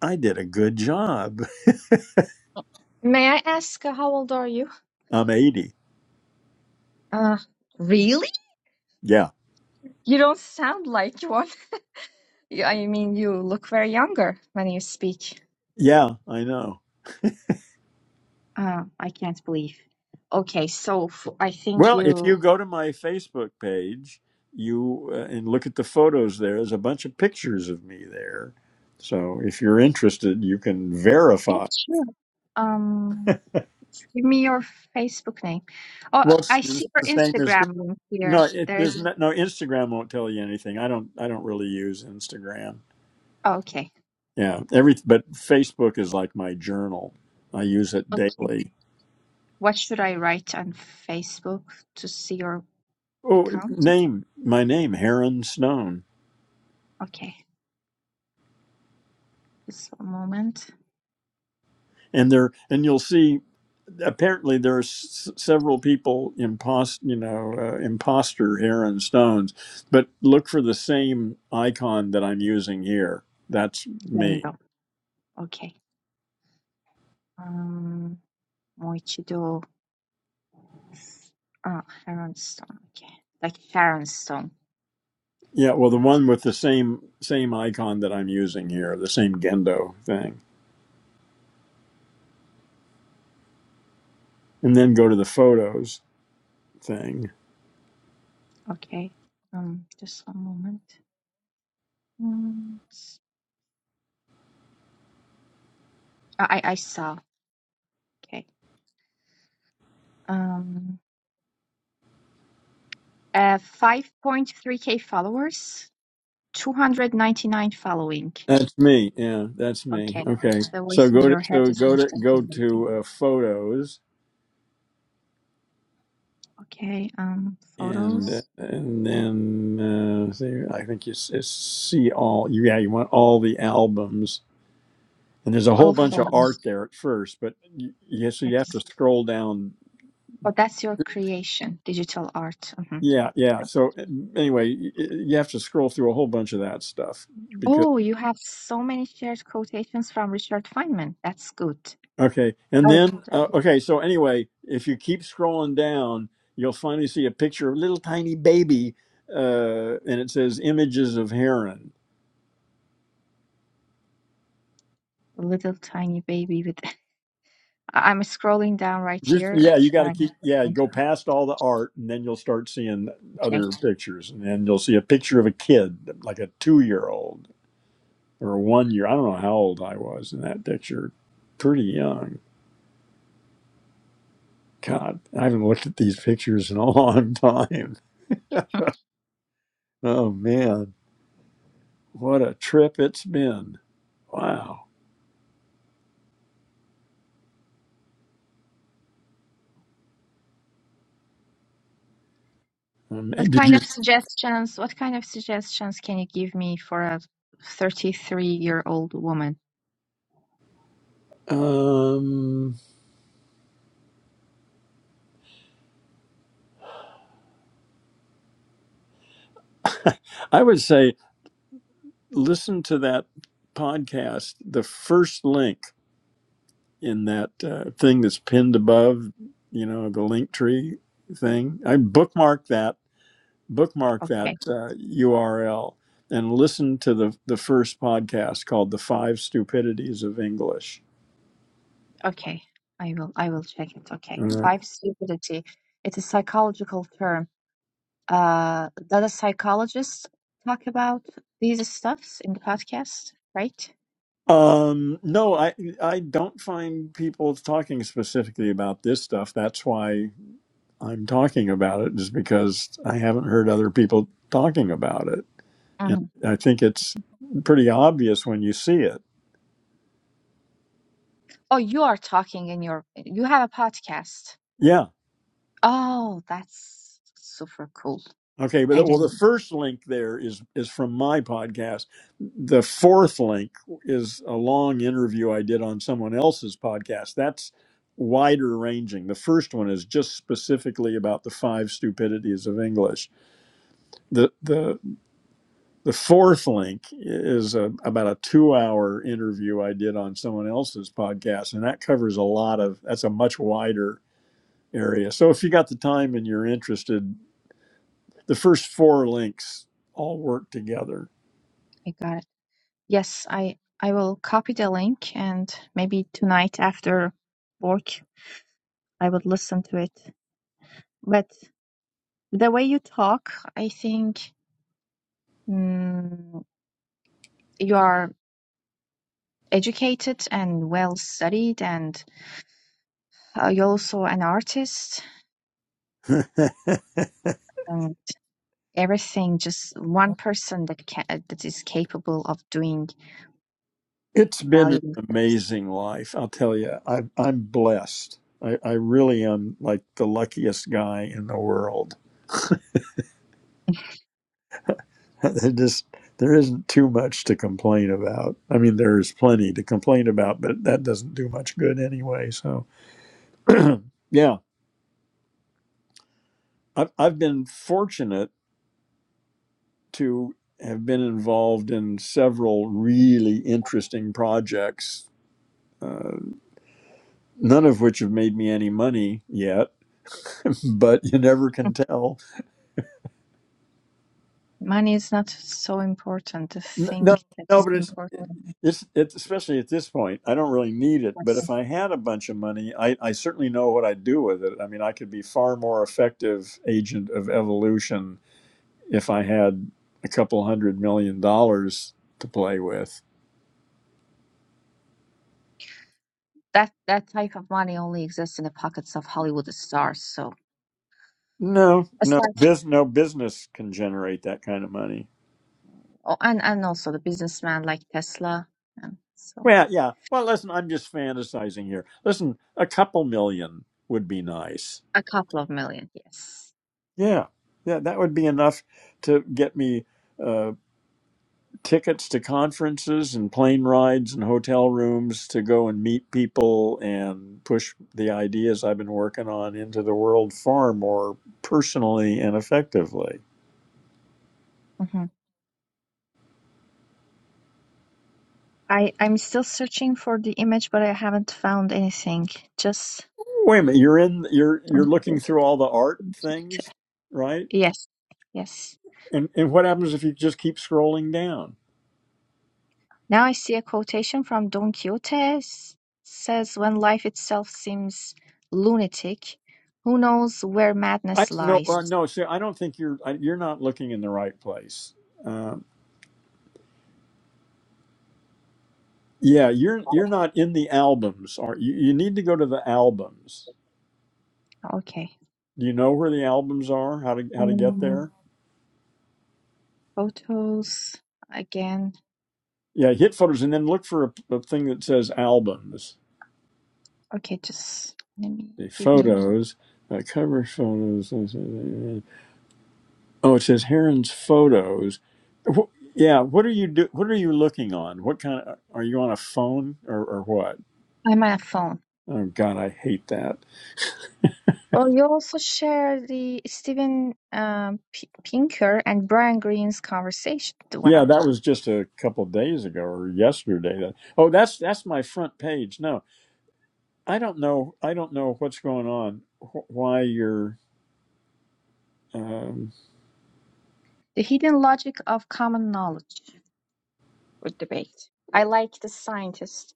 S1: I did a good job.
S3: may I ask uh, how old are you?
S1: I'm 80.
S3: Uh, really?
S1: Yeah.
S3: You don't sound like one. You- I mean, you look very younger when you speak.
S1: Yeah, I know.
S3: Uh, I can't believe. Okay, so f I think
S1: Well, if
S3: you.
S1: you go to my Facebook page, you uh, and look at the photos there, there's a bunch of pictures of me there. So if you're interested, you can
S3: Yeah,
S1: verify.
S3: sure. Um, give me your Facebook name. Oh,
S1: Well, it's
S3: I
S1: it's
S3: see your
S1: the same as
S3: Instagram link here.
S1: No, it,
S3: There is.
S1: there's no, no Instagram won't tell you anything. I don't I don't really use Instagram.
S3: okay,
S1: Yeah, every but Facebook is like my journal. I use it
S3: okay.
S1: daily.
S3: What should I write on Facebook to see your
S1: Oh,
S3: account?
S1: name my name Heron Stone,
S3: Okay, just one moment.
S1: and there and you'll see. Apparently, there are s- several people impost, you know, uh, imposter Heron Stones, but look for the same icon that I'm using here. That's
S3: There we
S1: me.
S3: go. Okay. Um, もう一度。Ah, Heron Stone. Okay. Like Sharon Stone.
S1: Yeah, well, the
S3: But
S1: one with the same same icon that I'm using here, the same Gendo thing, and then go to the photos thing.
S3: okay. Um, just one moment. Mm, s- I I I saw. Okay. Um, uh, 5.3k followers, 299 following.
S1: That's me. Yeah, that's me.
S3: Okay.
S1: Okay.
S3: The
S1: So
S3: voice in
S1: go to
S3: your head
S1: so
S3: is
S1: go to go
S3: misconfigured.
S1: to uh, photos
S3: Okay. Um,
S1: and uh,
S3: photos.
S1: and then uh, see, I think you s- it's see all. Yeah, you want all the albums. And there's a whole
S3: All
S1: bunch of art
S3: photos.
S1: there at first, but you, yeah, so you have to
S3: Yes.
S1: scroll down.
S3: Oh, that's your creation, digital art. Mhm.
S1: Yeah, yeah. So uh, anyway, y- y- you have to scroll through a whole bunch of that stuff
S3: Oh, you have so many shared quotations from Richard Feynman. That's good.
S1: Okay, and
S3: Oh, was
S1: then uh,
S3: uh,
S1: okay. So anyway, if you keep scrolling down, you'll finally see a picture of a little tiny baby, uh, and it says images of heron.
S3: a little tiny baby with. I- I'm scrolling down right
S1: Just
S3: here. I
S1: yeah, you got to
S3: try.
S1: keep yeah.
S3: not
S1: Go
S3: to-
S1: past all the art, and then you'll start seeing
S3: Okay.
S1: other pictures, and then you'll see a picture of a kid, like a two-year-old or a one-year. I don't know how old I was in that picture. Pretty young. God, I haven't looked at these pictures in a long time. Oh man, what a trip it's been! Wow. Um,
S3: What
S1: and did
S3: kind
S1: you?
S3: of suggestions, what kind of suggestions can you give me for a 33-year-old woman?
S1: Um, I would say listen to that podcast. The first link in that uh, thing that's pinned above, you know, the link tree thing. I bookmark that. Bookmark that
S3: Okay.
S1: uh, URL and listen to the the first podcast called "The Five Stupidities of English."
S3: Okay. I will I will check it. Okay.
S1: All right.
S3: Five stupidity. It's a psychological term. uh that a psychologist talk about these stuffs in the podcast, right?
S1: Um, no, I I don't find people talking specifically about this stuff. That's why I'm talking about it is because I haven't heard other people talking about it. And
S3: Mhm.
S1: I think it's pretty obvious when you see it.
S3: Oh, you are talking in your you have a podcast.
S1: Yeah.
S3: Oh, that's super cool.
S1: Okay,
S3: I
S1: but well, the
S3: didn't
S1: first link there is is from my podcast. The fourth link is a long interview I did on someone else's podcast. That's wider ranging. The first one is just specifically about the five stupidities of English. The the The fourth link is a, about a two hour interview I did on someone else's podcast, and that covers a lot of that's a much wider area. So if you got the time and you're interested, the first four links all work together.
S3: I got it. Yes, I I will copy the link and maybe tonight after work I would listen to it. But the way you talk, I think mm, you are educated and well studied, and uh, you're also an artist. And everything, just one person that can that is capable of doing
S1: It's been an
S3: valuable things.
S1: amazing life. I'll tell you, I, I'm blessed. I, I really am like the luckiest guy in the world. just there isn't too much to complain about. I mean, there's plenty to complain about, but that doesn't do much good anyway. So yeah, I've, I've been fortunate to have been involved in several really interesting projects, uh, none of which have made me any money yet, but you never can tell.
S3: Money is not so important. The
S1: N-
S3: thing
S1: No,
S3: that
S1: no,
S3: is
S1: but it's,
S3: important
S1: it's, it's especially at this point, I don't really need it. But
S3: is
S1: if I had a bunch of money, I, I certainly know what I'd do with it. I mean, I could be far more effective agent of evolution if I had a couple hundred million dollars to play with
S3: That that type of money only exists in the pockets of Hollywood stars. So
S1: No, no,
S3: aside,
S1: bus no business can generate that kind of money.
S3: oh, and and also the businessman like Tesla, and so
S1: Well, yeah. Well, listen, I'm just fantasizing here. Listen, a couple million would be nice.
S3: a couple of million. Yes.
S1: Yeah, yeah, that would be enough to get me uh, tickets to conferences and plane rides and hotel rooms to go and meet people and push the ideas I've been working on into the world far more personally and effectively.
S3: hmm I I'm still searching for the image, but I haven't found anything. Just
S1: Wait a minute, you're in, you're you're
S3: don't
S1: looking
S3: click.
S1: through all the art
S3: into it.
S1: things, right?
S3: Yes, yes.
S1: And and what happens if you just keep scrolling down?
S3: Now I see a quotation from Don Quixote says, When life itself seems lunatic, who knows where
S1: I
S3: madness
S1: no
S3: lies?
S1: uh, no. See, I don't think you're I- you're not looking in the right place. Um, yeah, you're you're not in the albums. Are you? You need to go to the albums.
S3: Okay.
S1: Do you know where the albums are? How to how to get
S3: Um,
S1: there?
S3: photos again.
S1: Yeah, hit photos and then look for a, a thing that says albums.
S3: Okay, just let me
S1: The
S3: give me.
S1: photos, uh, cover photos. uh, uh, uh, Oh, it says Heron's photos. Wh- yeah, what are you do? What are you looking on? What kind of are you on a phone or, or what?
S3: I'm on a phone.
S1: Oh God, I hate that.
S3: Oh, you also share the Steven um, P- Pinker and Brian Greene's conversation. Wow.
S1: Yeah, that was just a couple days ago or yesterday. That oh, that's that's my front page. No, I don't know. I don't know what's going on. Wh- why you're? Um,
S3: The hidden logic of common knowledge. Good debate. I like the scientist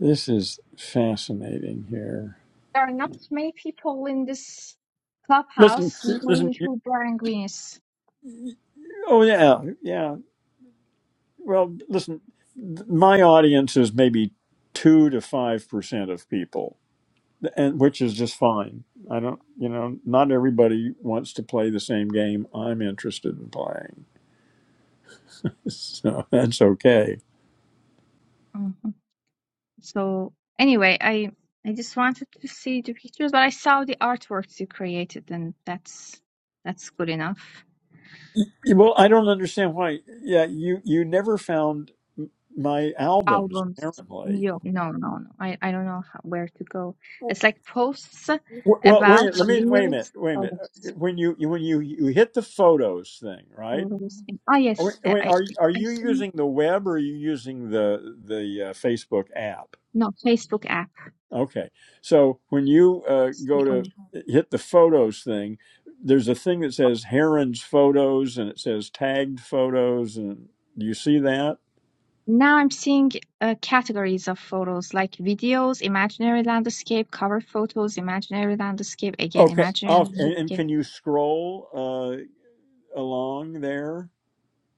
S1: this is fascinating. Here,
S3: There are not many people in this
S1: listen,
S3: clubhouse
S1: listen.
S3: knowing
S1: You,
S3: who Brian Green is.
S1: oh yeah, yeah. Well, listen. th- My audience is maybe two to five percent of people, and which is just fine. I don't, you know, not everybody wants to play the same game I'm interested in playing So that's okay.
S3: Mhm. So anyway, I I just wanted to see the pictures, but I saw the artworks you created, and that's that's good enough.
S1: Well, I don't understand why. Yeah, you you never found m- my albums
S3: Albums.
S1: apparently.
S3: Yo, no, no, no. I I don't know how, where to go. It's like posts
S1: W- Well,
S3: about
S1: wait. Let me wait a minute.
S3: reels.
S1: Wait a minute.
S3: Photos.
S1: Uh, When you you- when you you hit the photos thing, right?
S3: Photos. in- Ah,
S1: Oh, Wait,
S3: yes. I
S1: wait, are
S3: I
S1: are
S3: I
S1: you
S3: see.
S1: using the web or are you using the the uh, Facebook app?
S3: No, Facebook
S1: Okay, so when you uh, go to
S3: app.
S1: hit the photos thing, there's a thing that says Heron's photos and it says tagged photos, and do you see that?
S3: Now I'm seeing uh, categories of photos like videos, imaginary landscape, cover photos, imaginary landscape, again,
S1: Okay.
S3: imaginary
S1: Oh, and, and
S3: landscape.
S1: can you scroll uh, along there?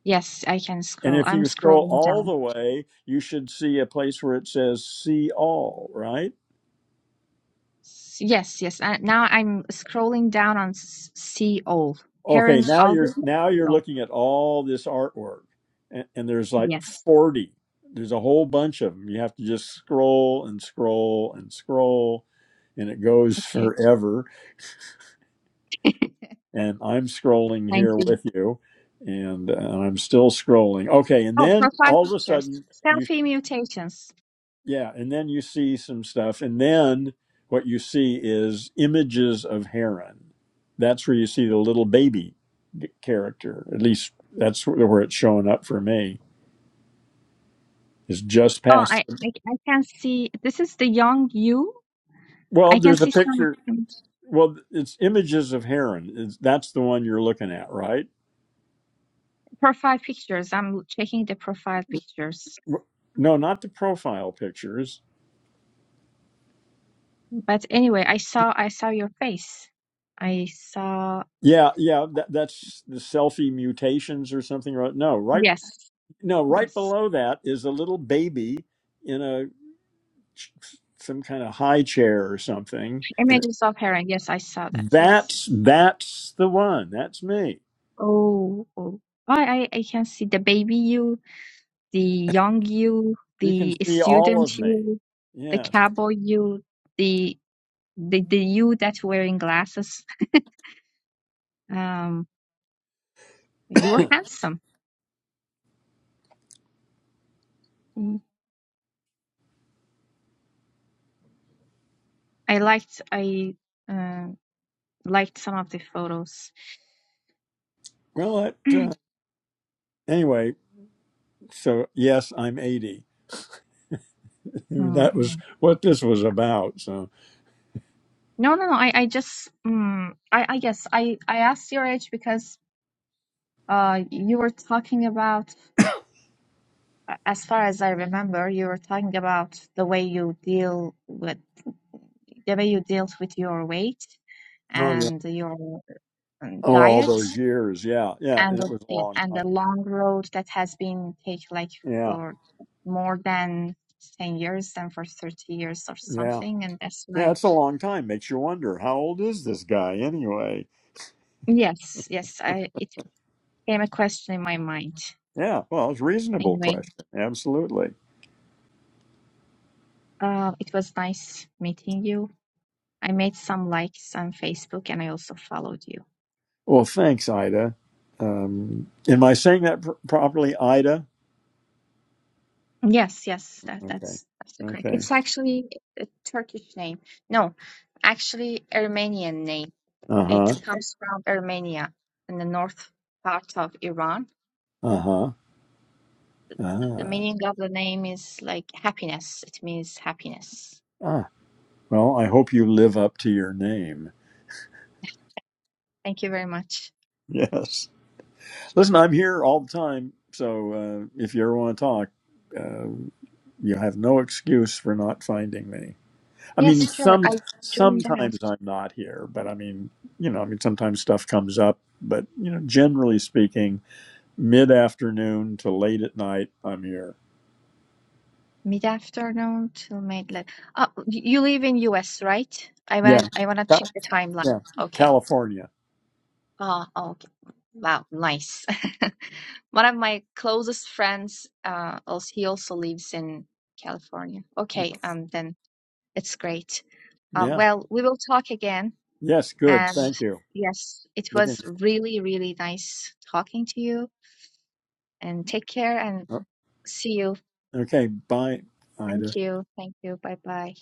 S3: Yes, I can
S1: And
S3: scroll.
S1: if
S3: I'm
S1: you scroll
S3: scrolling
S1: all
S3: down.
S1: the way, you should see a place where it says "See All." Right?
S3: S- Yes, yes. Uh, now I'm scrolling down on s- see all.
S1: Okay.
S3: Heron's
S1: Now you're
S3: album.
S1: now
S3: See
S1: you're
S3: all.
S1: looking at all this artwork, and, and there's like
S3: Yes.
S1: forty. There's a whole bunch of them. You have to just scroll and scroll and scroll, and it goes
S3: Okay.
S1: forever. And I'm scrolling
S3: Thank
S1: here
S3: you.
S1: with you, and, uh, I'm still scrolling. Okay. And
S3: Oh,
S1: then
S3: profile
S1: all of a
S3: pictures.
S1: sudden. you.
S3: Selfie mutations.
S1: yeah, and then you see some stuff, and then what you see is images of Heron. That's where you see the little baby character. At least that's where it's showing up for me. Is just
S3: Oh,
S1: past.
S3: I, I I can see. This is the young you.
S1: Well,
S3: I can
S1: there's a
S3: see
S1: picture.
S3: some.
S1: Well, it's images of Heron. It's, that's the one you're looking at, right?
S3: Profile pictures. I'm checking the profile pictures.
S1: W- No, not the profile pictures.
S3: But anyway, I saw I saw your face. I saw
S1: Yeah, yeah, that, that's the selfie mutations or something. right? No, right,
S3: yes,
S1: no, right
S3: yes.
S1: below that is a little baby in a. some kind of high chair or something. And it-
S3: Images of her. Yes, I saw that. Yes.
S1: that's that's the one. That's me.
S3: Oh, oh. I I, I can see the baby you, the young you,
S1: You can
S3: the
S1: see all of
S3: student
S1: me.
S3: you, the
S1: Yes.
S3: cowboy you, the the the you that's wearing glasses. Um, you're handsome. Mm. I liked I uh, liked some of the photos.
S1: Well, that, uh, anyway. So yes, I'm 80. I mean,
S3: Mm.
S1: That was what this was about. So
S3: No, no, no. I, I just, mm, I, I guess I, I asked your age because, uh, you were talking about, a- as far as I remember, you were talking about the way you deal with, the way you dealt with your weight
S1: oh yeah.
S3: and your um,
S1: Oh, all
S3: diet
S1: those years. Yeah, yeah.
S3: and,
S1: And it
S3: the-
S1: was a
S3: yeah,
S1: long
S3: and
S1: time.
S3: the long road that has been take like
S1: Yeah,
S3: for more than 10 years and for 30 years or
S1: yeah,
S3: something. And that's
S1: yeah.
S3: why,
S1: It's a long time. Makes you wonder how old is this guy anyway?
S3: yes, yes, I, it. came a question in my mind.
S1: Yeah. Well, it's a reasonable
S3: Anyway,
S1: question. Absolutely.
S3: uh, it was nice meeting you. I made some likes on Facebook and I also followed you.
S1: Well, thanks, Ida. Um, am I saying that pr- properly, Ida?
S3: Yes, yes, that,
S1: Okay.
S3: that's that's the correct.
S1: Okay.
S3: It's actually a Turkish name. No, actually Armenian name.
S1: Uh
S3: It
S1: huh.
S3: comes from Armenia in the north part of Iran.
S1: Uh huh.
S3: The
S1: Ah.
S3: meaning of the name is like happiness. It means happiness.
S1: Ah. Well, I hope you live up to your name.
S3: Thank you very much.
S1: Yes. Listen, I'm here all the time, so uh, if you ever want to talk, uh, you have no excuse for not finding me. I mean,
S3: Yes, sure.
S1: some
S3: I joined the house.
S1: sometimes I'm not here, but I mean, you know, I mean, sometimes stuff comes up, but you know, generally speaking, mid afternoon to late at night, I'm here.
S3: Mid-afternoon till late. Like, uh, y- you live in US, right? I
S1: Yeah.
S3: wanna I wanna
S1: Ca-
S3: check the timeline.
S1: Yeah.
S3: Okay.
S1: California.
S3: Oh, okay. Wow, nice. One of my closest friends, uh, also he also lives in California. Okay, um, then it's great. Um,
S1: Yeah.
S3: well, we will talk again.
S1: Yes. Good.
S3: And
S1: Thank you.
S3: yes, it
S1: Looking.
S3: was really, really nice talking to you. And take care and
S1: oh,
S3: see you.
S1: Okay. Bye, Ida.
S3: Thank you. Thank you. Bye bye.